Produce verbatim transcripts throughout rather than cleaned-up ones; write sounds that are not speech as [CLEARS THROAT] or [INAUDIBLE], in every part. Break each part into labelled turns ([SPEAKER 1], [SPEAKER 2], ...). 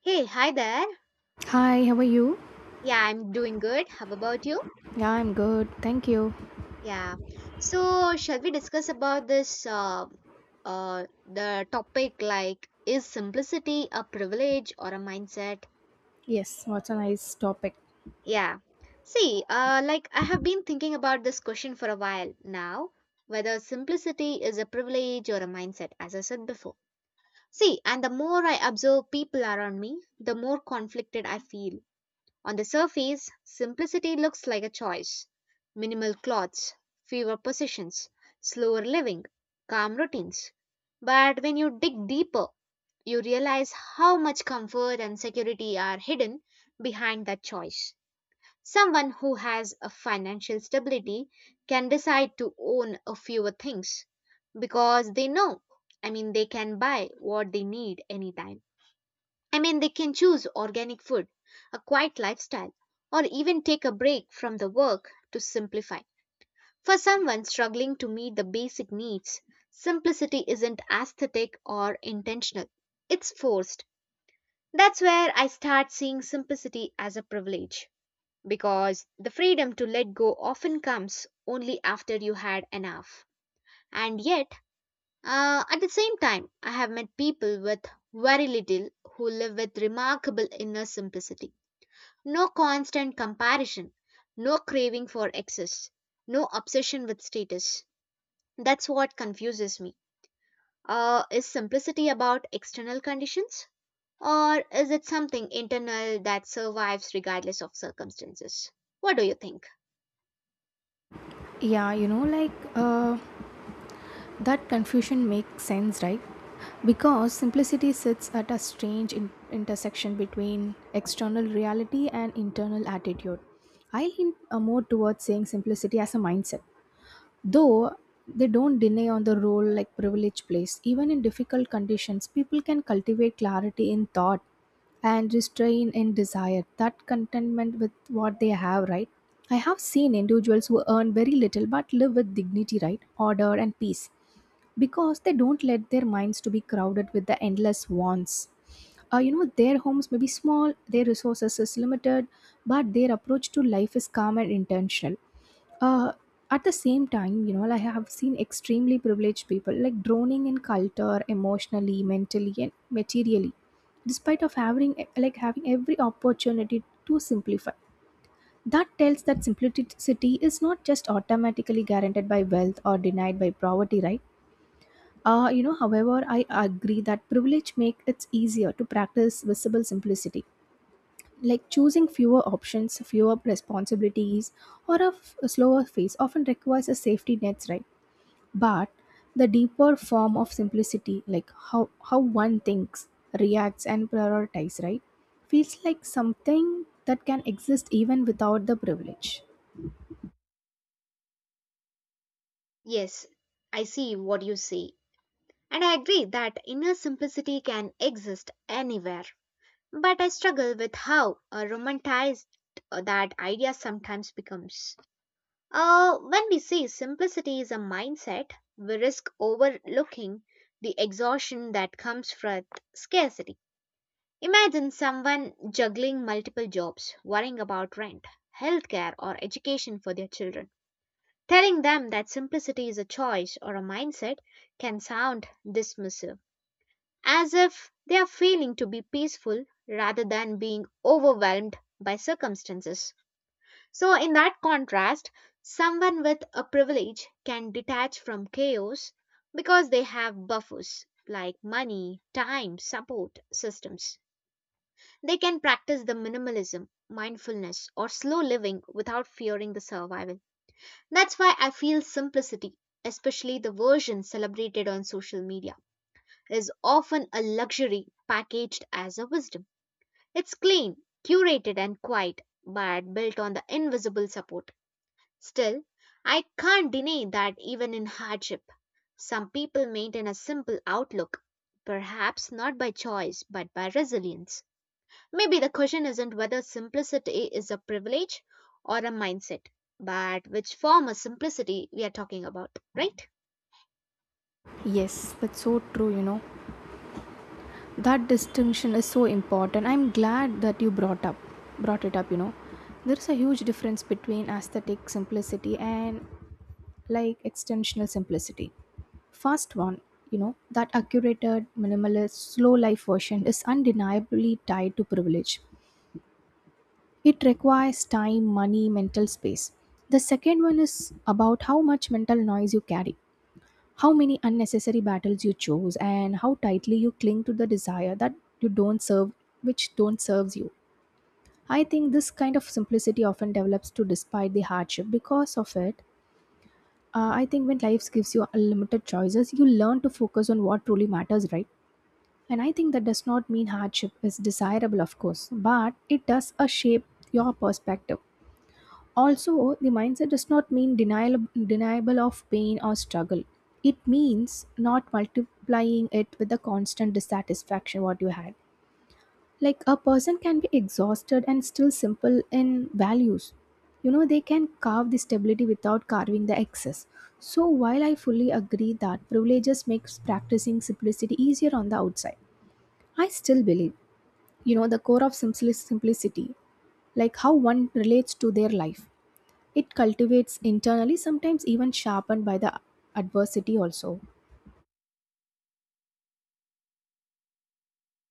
[SPEAKER 1] Hey, hi there.
[SPEAKER 2] Hi, how are you?
[SPEAKER 1] Yeah, I'm doing good. How about you?
[SPEAKER 2] Yeah, I'm good. Thank you.
[SPEAKER 1] Yeah. So, shall we discuss about this uh, uh the topic like is simplicity a privilege or a mindset?
[SPEAKER 2] Yes, what's a nice topic.
[SPEAKER 1] Yeah. See, uh like I have been thinking about this question for a while now, whether simplicity is a privilege or a mindset, as I said before. See, and the more I observe people around me, the more conflicted I feel. On the surface, simplicity looks like a choice. Minimal clothes, fewer possessions, slower living, calm routines. But when you dig deeper, you realize how much comfort and security are hidden behind that choice. Someone who has a financial stability can decide to own a fewer things because they know, I mean, they can buy what they need anytime. I mean, they can choose organic food, a quiet lifestyle, or even take a break from the work to simplify. For someone struggling to meet the basic needs, simplicity isn't aesthetic or intentional, it's forced. That's where I start seeing simplicity as a privilege because the freedom to let go often comes only after you had enough. And yet, uh, at the same time, I have met people with very little who live with remarkable inner simplicity, no constant comparison, no craving for excess, no obsession with status. That's what confuses me. Uh, is simplicity about external conditions? Or is it something internal that survives regardless of circumstances? What do you think?
[SPEAKER 2] Yeah, you know, like uh, that confusion makes sense, right? Because simplicity sits at a strange in- intersection between external reality and internal attitude. I lean uh, more towards saying simplicity as a mindset though they don't deny on the role like privilege plays, even in difficult conditions people can cultivate clarity in thought and restrain in desire, that contentment with what they have, right? I have seen individuals who earn very little but live with dignity, right, order and peace, because they don't let their minds to be crowded with the endless wants. Uh, you know, their homes may be small, their resources is limited, but their approach to life is calm and intentional. uh, at the same time, you know, like I have seen extremely privileged people like droning in culture, emotionally, mentally, and materially, despite of having like having every opportunity to simplify. That tells that simplicity is not just automatically guaranteed by wealth or denied by poverty, right? Uh, you know, however, I agree that privilege makes it easier to practice visible simplicity, like choosing fewer options, fewer responsibilities, or a, f- a slower phase often requires a safety nets, right? But the deeper form of simplicity, like how how one thinks, reacts and prioritizes, right, feels like something that can exist even without the privilege.
[SPEAKER 1] Yes, I see what you say. And I agree that inner simplicity can exist anywhere. But I struggle with how uh, romanticized uh, that idea sometimes becomes. Uh, when we say simplicity is a mindset, we risk overlooking the exhaustion that comes from scarcity. Imagine someone juggling multiple jobs, worrying about rent, healthcare, or education for their children. Telling them that simplicity is a choice or a mindset can sound dismissive, as if they are failing to be peaceful rather than being overwhelmed by circumstances. So, in that contrast, someone with a privilege can detach from chaos because they have buffers like money, time, support systems. They can practice the minimalism, mindfulness, or slow living without fearing the survival. That's why I feel simplicity, especially the version celebrated on social media, is often a luxury packaged as a wisdom. It's clean, curated, and quiet, but built on the invisible support. Still, I can't deny that even in hardship, some people maintain a simple outlook, perhaps not by choice but by resilience. Maybe the question isn't whether simplicity is a privilege or a mindset, but which form of simplicity we are talking about, right?
[SPEAKER 2] Yes, that's so true, you know, that distinction is so important. I'm glad that you brought up brought it up, you know. There's a huge difference between aesthetic simplicity and like extensional simplicity. First one, you know, that accurated, minimalist, slow life version is undeniably tied to privilege. It requires time, money, mental space. The second one is about how much mental noise you carry, how many unnecessary battles you chose, and how tightly you cling to the desire that you don't serve, which don't serves you. I think this kind of simplicity often develops to despite the hardship. Because of it, Uh, I think when life gives you unlimited choices, you learn to focus on what truly matters, right? And I think that does not mean hardship is desirable, of course, but it does uh, shape your perspective. Also, the mindset does not mean denial, deniable of pain or struggle. It means not multiplying it with the constant dissatisfaction what you had. Like a person can be exhausted and still simple in values. You know, they can carve the stability without carving the excess. So while I fully agree that privileges makes practicing simplicity easier on the outside, I still believe, you know, the core of simpli- simplicity, like how one relates to their life, it cultivates internally, sometimes even sharpened by the adversity also.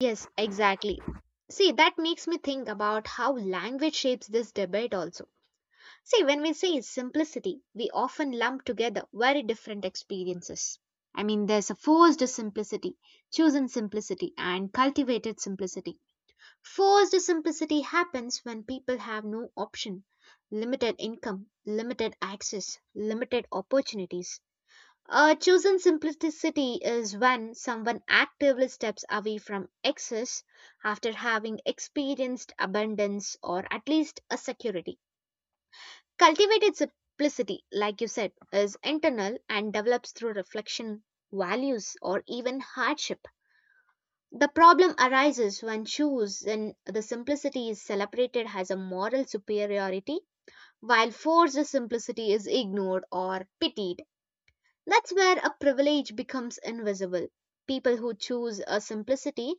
[SPEAKER 1] Yes, exactly. See, that makes me think about how language shapes this debate also. See, when we say simplicity, we often lump together very different experiences. I mean, there's a forced simplicity, chosen simplicity, and cultivated simplicity. Forced simplicity happens when people have no option, limited income, limited access, limited opportunities. A chosen simplicity is when someone actively steps away from excess after having experienced abundance or at least a security. Cultivated simplicity, like you said, is internal and develops through reflection, values, or even hardship. The problem arises when choose and the simplicity is celebrated as a moral superiority, while forced simplicity is ignored or pitied. That's where a privilege becomes invisible. People who choose a simplicity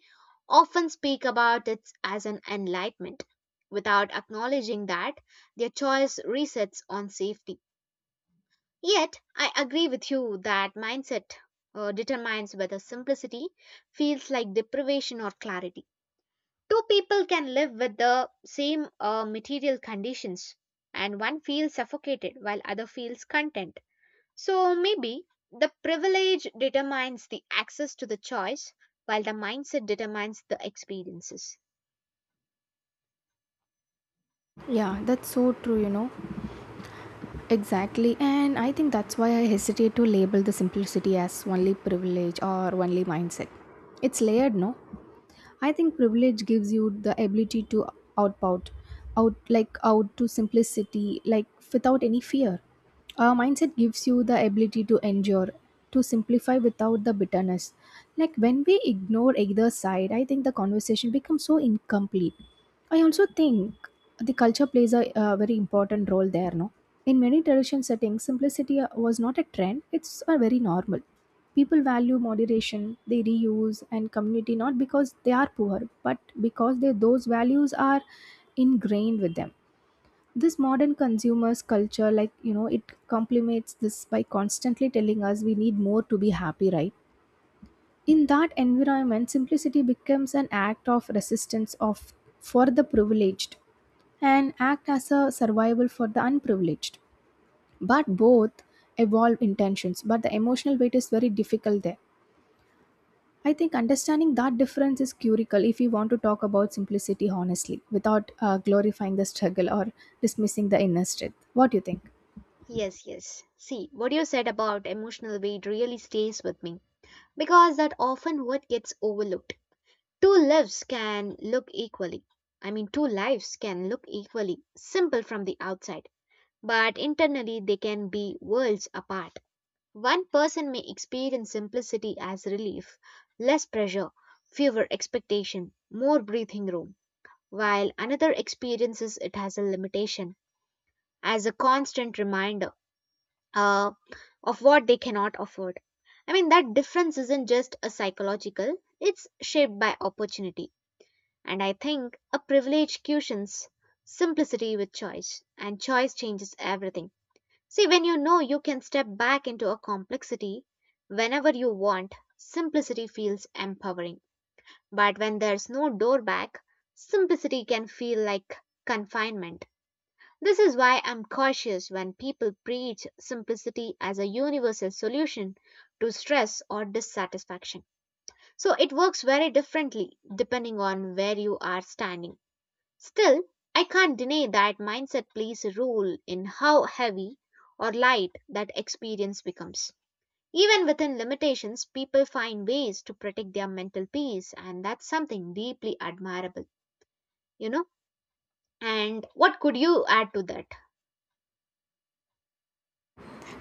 [SPEAKER 1] often speak about it as an enlightenment without acknowledging that their choice resets on safety. Yet, I agree with you that mindset uh, determines whether simplicity feels like deprivation or clarity. Two people can live with the same uh, material conditions, and one feels suffocated while other feels content. So maybe the privilege determines the access to the choice, while the mindset determines the experiences.
[SPEAKER 2] Yeah, that's so true, you know. Exactly, and I think that's why I hesitate to label the simplicity as only privilege or only mindset. It's layered, no? I think privilege gives you the ability to outpout, out like out to simplicity, like without any fear. Uh, mindset gives you the ability to endure, to simplify without the bitterness. Like when we ignore either side, I think the conversation becomes so incomplete. I also think the culture plays a, uh very important role there, no? In many tradition settings, simplicity uh, was not a trend, it's a very normal. People value moderation, they reuse and community, not because they are poor, but because they, those values are ingrained with them. This modern consumers culture, like you know, it complements this by constantly telling us we need more to be happy, right? In that environment, simplicity becomes an act of resistance of for the privileged and act as a survival for the unprivileged. But both evolve intentions, but the emotional weight is very difficult there. I think understanding that difference is curical if you want to talk about simplicity honestly without uh, glorifying the struggle or dismissing the inner strength. What do you think?
[SPEAKER 1] Yes, yes. See, what you said about emotional weight really stays with me because that often what gets overlooked. Two lives can look equally. I mean, two lives can look equally simple from the outside, but internally they can be worlds apart. One person may experience simplicity as relief, less pressure, fewer expectation, more breathing room, while another experiences it as a limitation, as a constant reminder uh, of what they cannot afford. I mean, that difference isn't just a psychological, it's shaped by opportunity. And I think a privilege cushions simplicity with choice, and choice changes everything. See, when you know you can step back into a complexity whenever you want, simplicity feels empowering. But when there's no door back, simplicity can feel like confinement. This is why I'm cautious when people preach simplicity as a universal solution to stress or dissatisfaction. So it works very differently depending on where you are standing. Still, I can't deny that mindset plays a role in how heavy or light that experience becomes. Even within limitations, people find ways to protect their mental peace, and that's something deeply admirable, you know? And what could you add to that?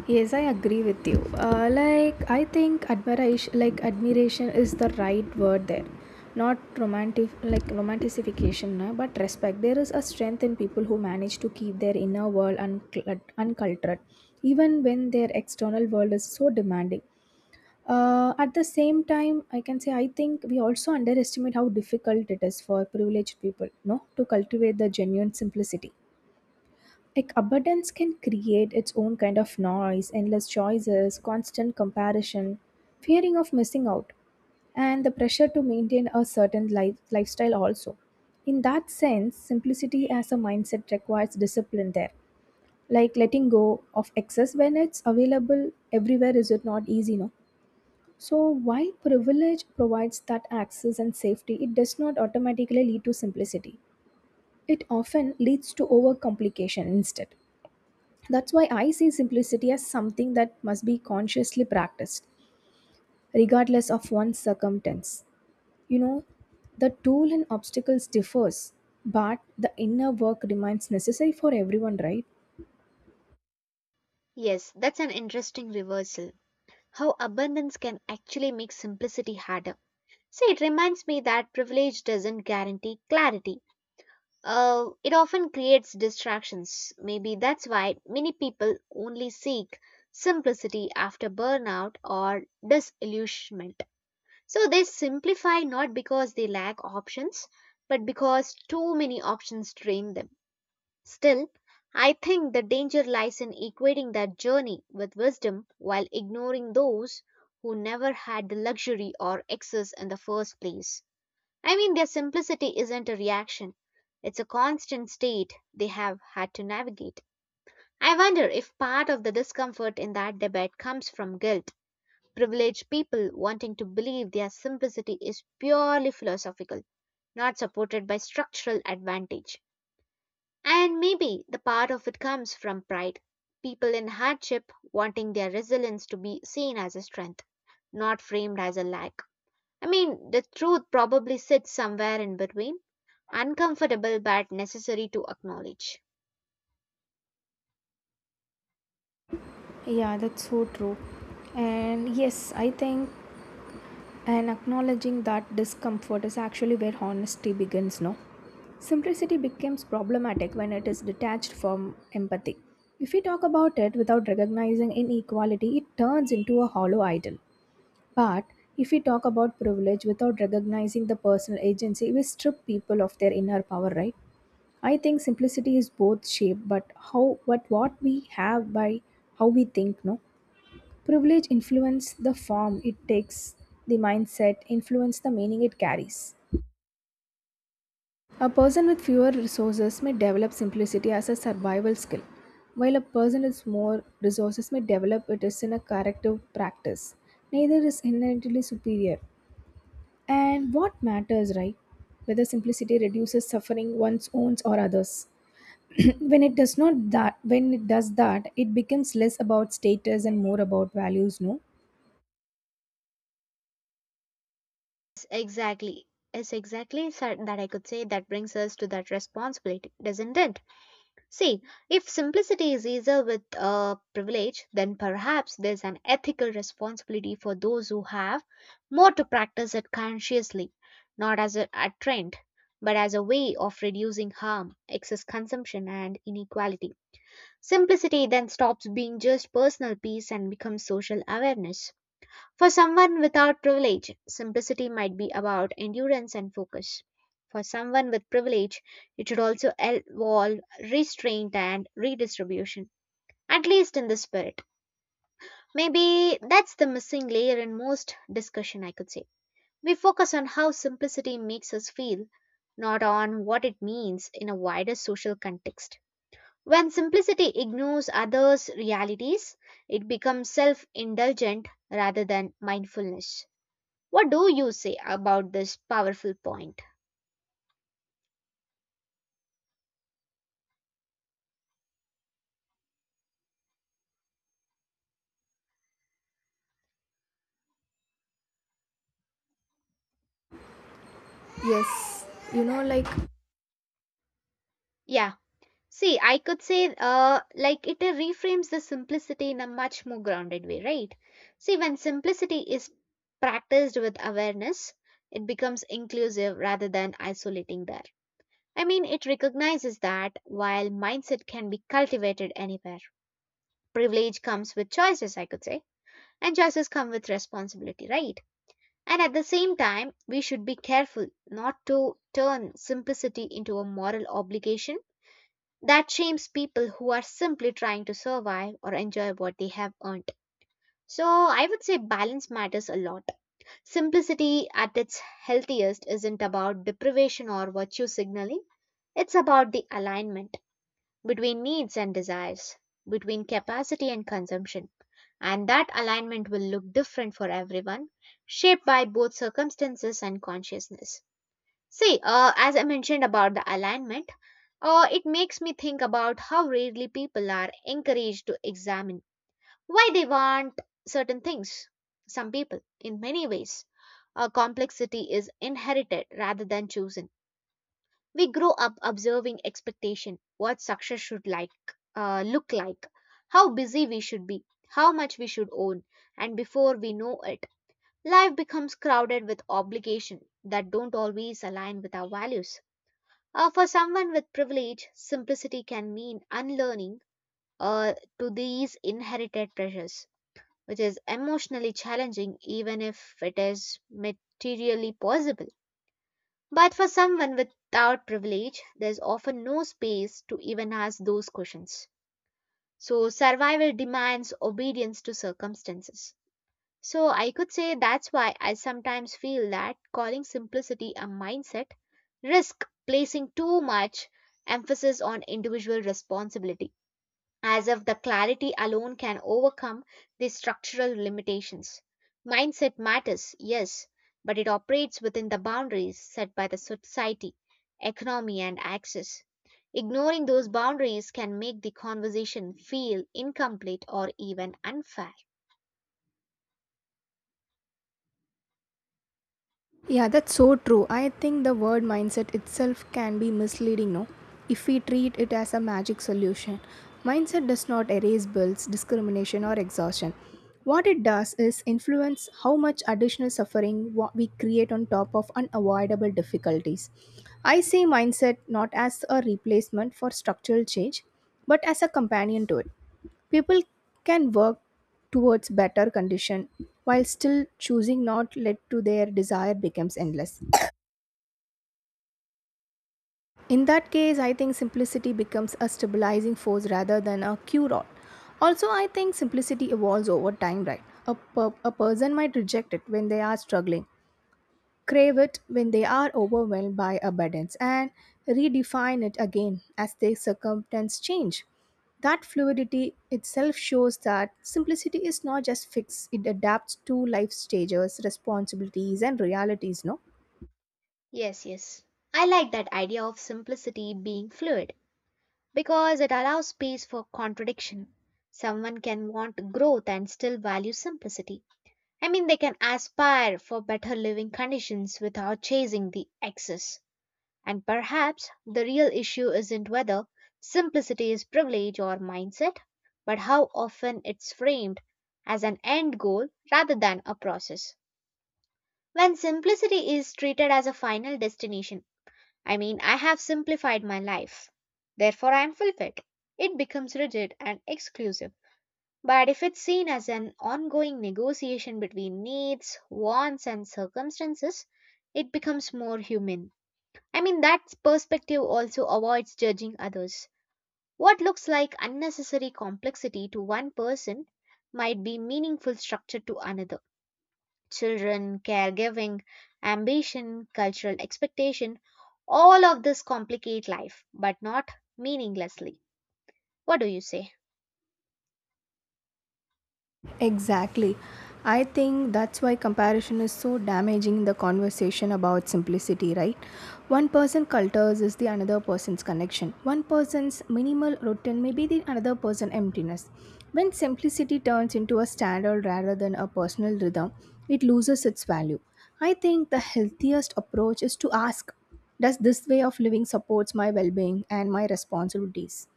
[SPEAKER 2] Yes, I agree with you. Uh, like I think admiration, like admiration is the right word there, not romantic, like romanticification, na, but respect. There is a strength in people who manage to keep their inner world unclut- uncultured, even when their external world is so demanding. Uh, at the same time, I can say I think we also underestimate how difficult it is for privileged people, no, to cultivate the genuine simplicity. Like abundance can create its own kind of noise, endless choices, constant comparison, fearing of missing out, and the pressure to maintain a certain life, lifestyle also. In that sense, simplicity as a mindset requires discipline there. Like letting go of excess when it's available everywhere is it not easy, no? So while privilege provides that access and safety, it does not automatically lead to simplicity. It often leads to overcomplication instead. That's why I see simplicity as something that must be consciously practiced, regardless of one's circumstance. You know, the tool and obstacles differs, but the inner work remains necessary for everyone, right?
[SPEAKER 1] Yes, that's an interesting reversal. How abundance can actually make simplicity harder. See, it reminds me that privilege doesn't guarantee clarity. Uh, it often creates distractions. Maybe that's why many people only seek simplicity after burnout or disillusionment. So they simplify not because they lack options, but because too many options drain them. Still, I think the danger lies in equating that journey with wisdom while ignoring those who never had the luxury or excess in the first place. I mean, their simplicity isn't a reaction, it's a constant state they have had to navigate. I wonder if part of the discomfort in that debate comes from guilt, privileged people wanting to believe their simplicity is purely philosophical, not supported by structural advantage. And maybe the part of it comes from pride, people in hardship wanting their resilience to be seen as a strength, not framed as a lack. I mean, the truth probably sits somewhere in between, uncomfortable but necessary to acknowledge.
[SPEAKER 2] Yeah, that's so true. And yes, I think, and acknowledging that discomfort is actually where honesty begins, no? Simplicity becomes problematic when it is detached from empathy. If we talk about it without recognizing inequality, it turns into a hollow idol. But if we talk about privilege without recognizing the personal agency, we strip people of their inner power, right? I think simplicity is both shape but how but what we have by how we think, no? Privilege influence the form it takes, the mindset influence the meaning it carries. A person with fewer resources may develop simplicity as a survival skill, while a person with more resources may develop it as in a corrective practice. Neither is inherently superior. And what matters, right? Whether simplicity reduces suffering, one's own or others. [CLEARS THROAT] When it does not, that, when it does that, it becomes less about status and more about values, no?
[SPEAKER 1] Yes, exactly. Yes, exactly sir, that I could say that brings us to that responsibility, doesn't it? See, if simplicity is easier with uh, privilege, then perhaps there's an ethical responsibility for those who have more to practice it consciously, not as a, a trend, but as a way of reducing harm, excess consumption, and inequality. Simplicity then stops being just personal peace and becomes social awareness. For someone without privilege, simplicity might be about endurance and focus. For someone with privilege, it should also involve restraint and redistribution, at least in the spirit. Maybe that's the missing layer in most discussion, I could say. We focus on how simplicity makes us feel, not on what it means in a wider social context. When simplicity ignores others' realities, it becomes self indulgent rather than mindfulness. What do you say about this powerful point?
[SPEAKER 2] Yes, you know, like.
[SPEAKER 1] Yeah, see, I could say uh, like it reframes the simplicity in a much more grounded way, right? See, when simplicity is practiced with awareness, it becomes inclusive rather than isolating there. I mean, it recognizes that while mindset can be cultivated anywhere, privilege comes with choices, I could say. And choices come with responsibility, right? And at the same time, we should be careful not to turn simplicity into a moral obligation that shames people who are simply trying to survive or enjoy what they have earned. So, I would say balance matters a lot. Simplicity at its healthiest isn't about deprivation or virtue signaling, it's about the alignment between needs and desires, between capacity and consumption. And that alignment will look different for everyone, shaped by both circumstances and consciousness. See, uh, as I mentioned about the alignment, uh, it makes me think about how rarely people are encouraged to examine why they want certain things. Some people, in many ways, uh, complexity is inherited rather than chosen. We grow up observing expectation, what success should like uh, look like, how busy we should be, how much we should own, and before we know it, life becomes crowded with obligation that don't always align with our values. Uh, for someone with privilege, simplicity can mean unlearning uh, to these inherited pressures, which is emotionally challenging even if it is materially possible. But for someone without privilege, there's often no space to even ask those questions. So, survival demands obedience to circumstances. So, I could say that's why I sometimes feel that calling simplicity a mindset risk placing too much emphasis on individual responsibility as if the clarity alone can overcome these structural limitations. Mindset matters, yes, but it operates within the boundaries set by the society, economy, and access. Ignoring those boundaries can make the conversation feel incomplete or even unfair.
[SPEAKER 2] Yeah, that's so true. I think the word mindset itself can be misleading, no? If we treat it as a magic solution, mindset does not erase bills, discrimination, or exhaustion. What it does is influence how much additional suffering wha- we create on top of unavoidable difficulties. I see mindset not as a replacement for structural change, but as a companion to it. People can work towards better condition while still choosing not let to their desire becomes endless. In that case, I think simplicity becomes a stabilizing force rather than a cure all. Also I think simplicity evolves over time, right? A, per- a person might reject it when they are struggling, crave it when they are overwhelmed by abundance, and redefine it again as their circumstances change. That fluidity itself shows that simplicity is not just fixed, it adapts to life stages, responsibilities, and realities, no?
[SPEAKER 1] Yes, yes. I like that idea of simplicity being fluid because it allows space for contradiction. Someone can want growth and still value simplicity. I mean, they can aspire for better living conditions without chasing the excess. And perhaps the real issue isn't whether simplicity is privilege or mindset, but how often it's framed as an end goal rather than a process. When simplicity is treated as a final destination, I mean, I have simplified my life, therefore I am fulfilled, it becomes rigid and exclusive. But if it's seen as an ongoing negotiation between needs, wants, and circumstances, it becomes more human. I mean, that perspective also avoids judging others. What looks like unnecessary complexity to one person might be meaningful structure to another. Children, caregiving, ambition, cultural expectation, all of this complicate life, but not meaninglessly. What do you say?
[SPEAKER 2] Exactly. I think that's why comparison is so damaging in the conversation about simplicity, right? One person cultures is the another person's connection. One person's minimal routine may be the another person's emptiness. When simplicity turns into a standard rather than a personal rhythm, it loses its value. I think the healthiest approach is to ask, does this way of living supports my well-being and my responsibilities?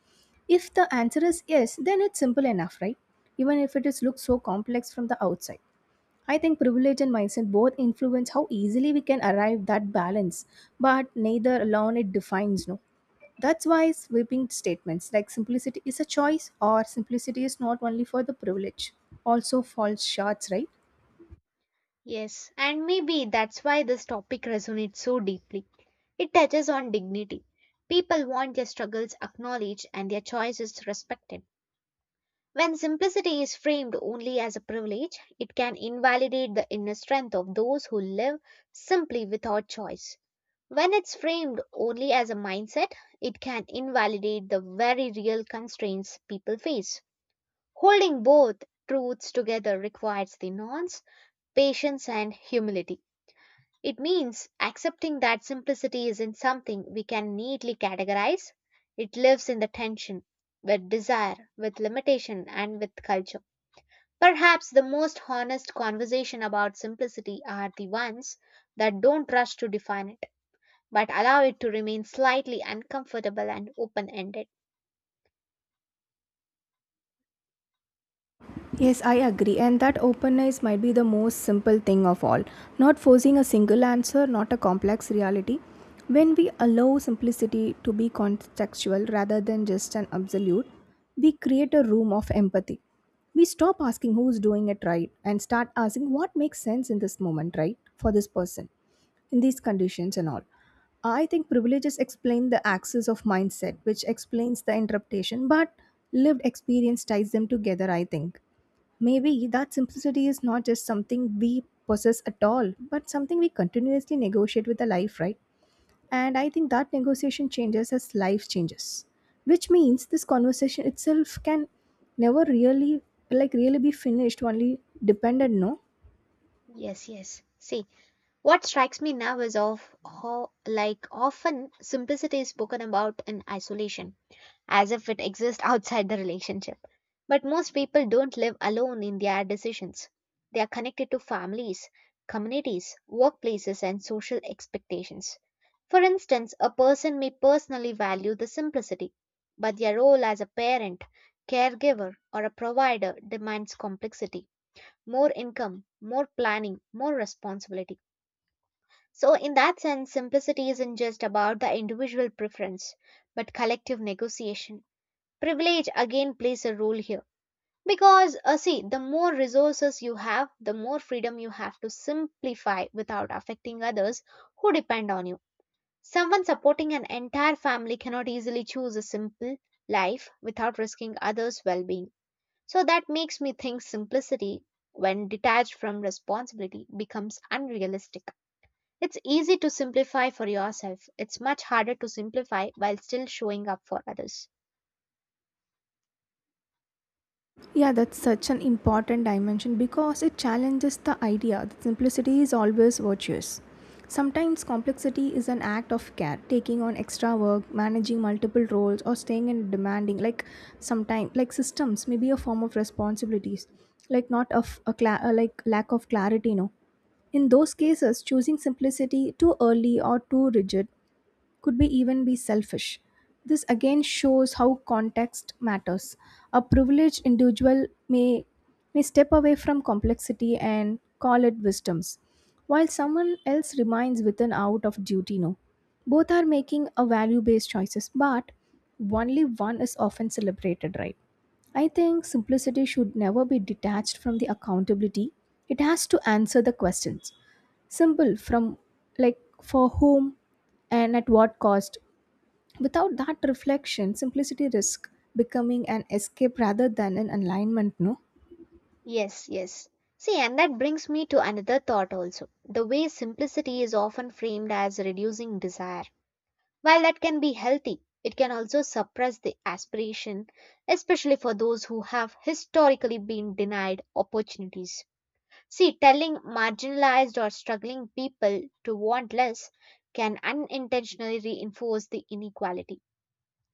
[SPEAKER 2] If the answer is yes, then it's simple enough, right? Even if it is looks so complex from the outside. I think privilege and mindset both influence how easily we can arrive that balance, but neither alone it defines, no. That's why sweeping statements like simplicity is a choice or simplicity is not only for the privilege also falls short, right?
[SPEAKER 1] Yes, and maybe that's why this topic resonates so deeply. It touches on dignity. People want their struggles acknowledged and their choices respected. When simplicity is framed only as a privilege, it can invalidate the inner strength of those who live simply without choice. When it's framed only as a mindset, it can invalidate the very real constraints people face. Holding both truths together requires the nuance, patience, and humility. It means accepting that simplicity isn't something we can neatly categorize. It lives in the tension with desire, with limitation, and with culture. Perhaps the most honest conversation about simplicity are the ones that don't rush to define it, but allow it to remain slightly uncomfortable and open ended.
[SPEAKER 2] Yes, I agree, and that openness might be the most simple thing of all. Not forcing a single answer, not a complex reality. When we allow simplicity to be contextual rather than just an absolute, we create a room of empathy. We stop asking who's doing it right and start asking what makes sense in this moment, right, for this person, in these conditions and all. I think privileges explain the axis of mindset, which explains the interpretation, but lived experience ties them together, I think. Maybe that simplicity is not just something we possess at all, but something we continuously negotiate with the life, right? And I think that negotiation changes as life changes, which means this conversation itself can never really, like, really be finished, only dependent, no?
[SPEAKER 1] Yes, yes. See, what strikes me now is of how, like, often simplicity is spoken about in isolation as if it exists outside the relationship. But most people don't live alone in their decisions. They are connected to families, communities, workplaces, and social expectations. For instance, a person may personally value the simplicity, but their role as a parent, caregiver, or a provider demands complexity, more income, more planning, more responsibility. So, in that sense, simplicity isn't just about the individual preference, but collective negotiation. Privilege again plays a role here because, uh, see, the more resources you have, the more freedom you have to simplify without affecting others who depend on you. Someone supporting an entire family cannot easily choose a simple life without risking others' well being. So that makes me think simplicity, when detached from responsibility, becomes unrealistic. It's easy to simplify for yourself, it's much harder to simplify while still showing up for others.
[SPEAKER 2] Yeah, that's such an important dimension because it challenges the idea that simplicity is always virtuous. Sometimes complexity is an act of care, taking on extra work, managing multiple roles, or staying in demanding. Like sometimes, like systems may be a form of responsibilities, like not of a, cla- uh, like lack of clarity. No, in those cases, choosing simplicity too early or too rigid could be even be selfish. This again shows how context matters. A privileged individual may may step away from complexity and call it wisdoms, while someone else remains within out of duty, no. Both are making a value-based choices, but only one is often celebrated, right? I think simplicity should never be detached from the accountability. It has to answer the questions. Simple from, like, for whom and at what cost. Without that reflection, simplicity risk becoming an escape rather than an alignment, no?
[SPEAKER 1] Yes, yes. See, and that brings me to another thought also. The way simplicity is often framed as reducing desire. While that can be healthy, it can also suppress the aspiration, especially for those who have historically been denied opportunities. See, telling marginalized or struggling people to want less can unintentionally reinforce the inequality,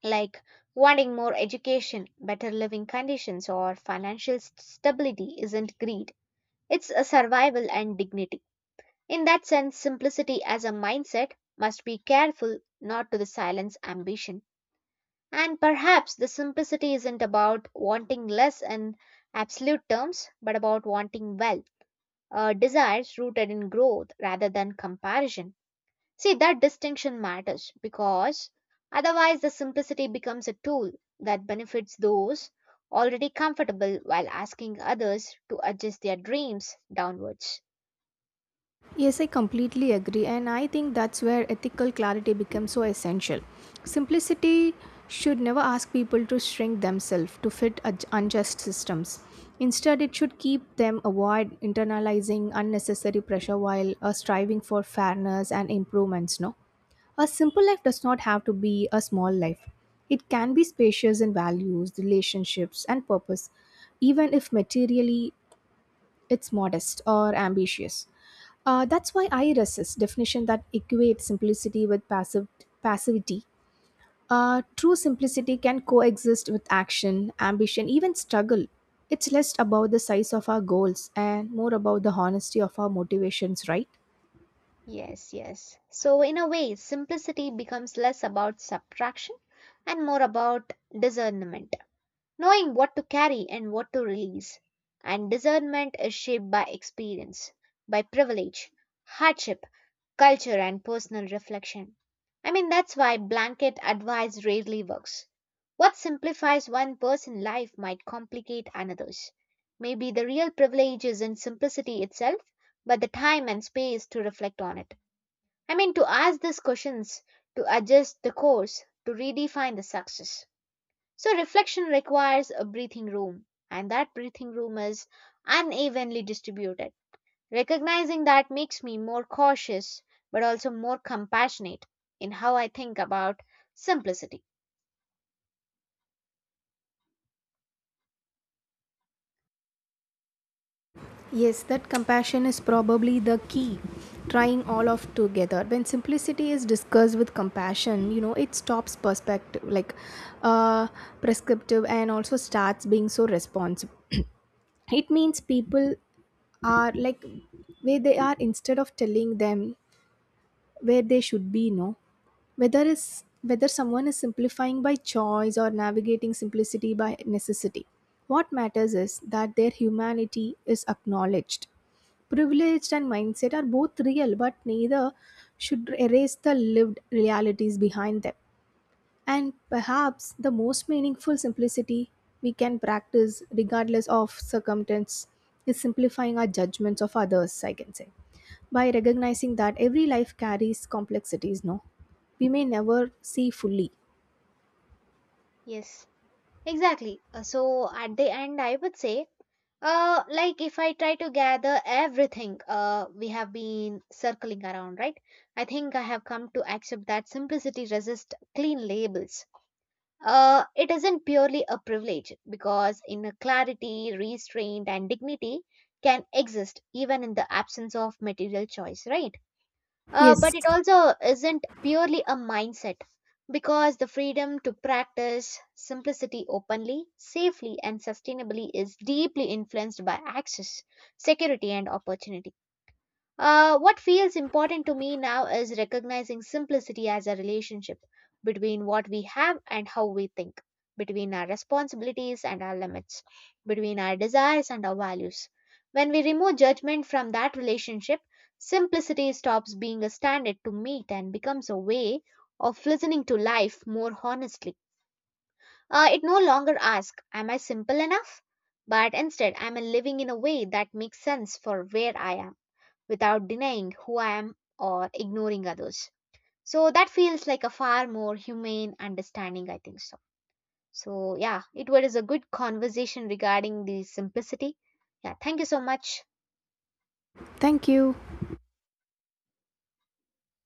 [SPEAKER 1] like wanting more education, better living conditions, or financial st- stability isn't greed, it's a survival and dignity. In that sense, simplicity as a mindset must be careful not to the silence ambition. And perhaps the simplicity isn't about wanting less in absolute terms, but about wanting wealth, uh, desires rooted in growth rather than comparison. See, that distinction matters because otherwise the simplicity becomes a tool that benefits those already comfortable while asking others to adjust their dreams downwards.
[SPEAKER 2] Yes, I completely agree, and I think that's where ethical clarity becomes so essential. Simplicity should never ask people to shrink themselves to fit ad- unjust systems. Instead, it should keep them avoid internalizing unnecessary pressure while uh, striving for fairness and improvements. No, a simple life does not have to be a small life. It can be spacious in values, relationships, and purpose, even if materially it's modest or ambitious. Uh, that's why I resist definition that equate simplicity with passive passivity. Uh, true simplicity can coexist with action, ambition, even struggle. It's less about the size of our goals and more about the honesty of our motivations, right?
[SPEAKER 1] Yes, yes. So, in a way, simplicity becomes less about subtraction and more about discernment, knowing what to carry and what to release. And discernment is shaped by experience, by privilege, hardship, culture, and personal reflection. I mean, that's why blanket advice rarely works. What simplifies one person's life might complicate another's. Maybe the real privilege is in simplicity itself, but the time and space to reflect on it. I mean, to ask these questions, to adjust the course, to redefine the success. So, reflection requires a breathing room, and that breathing room is unevenly distributed. Recognizing that makes me more cautious, but also more compassionate in how I think about simplicity.
[SPEAKER 2] Yes, that compassion is probably the key. Trying all of together. When simplicity is discussed with compassion, you know, it stops perspective, like uh, prescriptive, and also starts being so responsive. [CLEARS THROAT] It means people are like where they are instead of telling them where they should be, no? Whether is whether someone is simplifying by choice or navigating simplicity by necessity. What matters is that their humanity is acknowledged. Privilege and mindset are both real, but neither should erase the lived realities behind them. And perhaps the most meaningful simplicity we can practice, regardless of circumstance, is simplifying our judgments of others, I can say. By recognizing that every life carries complexities, no? We may never see fully.
[SPEAKER 1] Yes, exactly. Uh, So, at the end, I would say, Uh, like, if I try to gather everything uh, we have been circling around, right? I think I have come to accept that simplicity resists clean labels. Uh, it isn't purely a privilege because inner clarity, restraint, and dignity can exist even in the absence of material choice, right? Uh,
[SPEAKER 2] Yes,
[SPEAKER 1] but it also isn't purely a mindset because the freedom to practice simplicity openly, safely, and sustainably is deeply influenced by access, security, and opportunity. Uh, what feels important to me now is recognizing simplicity as a relationship between what we have and how we think, between our responsibilities and our limits, between our desires and our values. When we remove judgment from that relationship, simplicity stops being a standard to meet and becomes a way of listening to life more honestly. Uh, it no longer asks, am I simple enough? But instead, am I living in a way that makes sense for where I am, without denying who I am or ignoring others? So that feels like a far more humane understanding, I think so. So, yeah, it was a good conversation regarding the simplicity. Yeah, thank you so much.
[SPEAKER 2] thank you.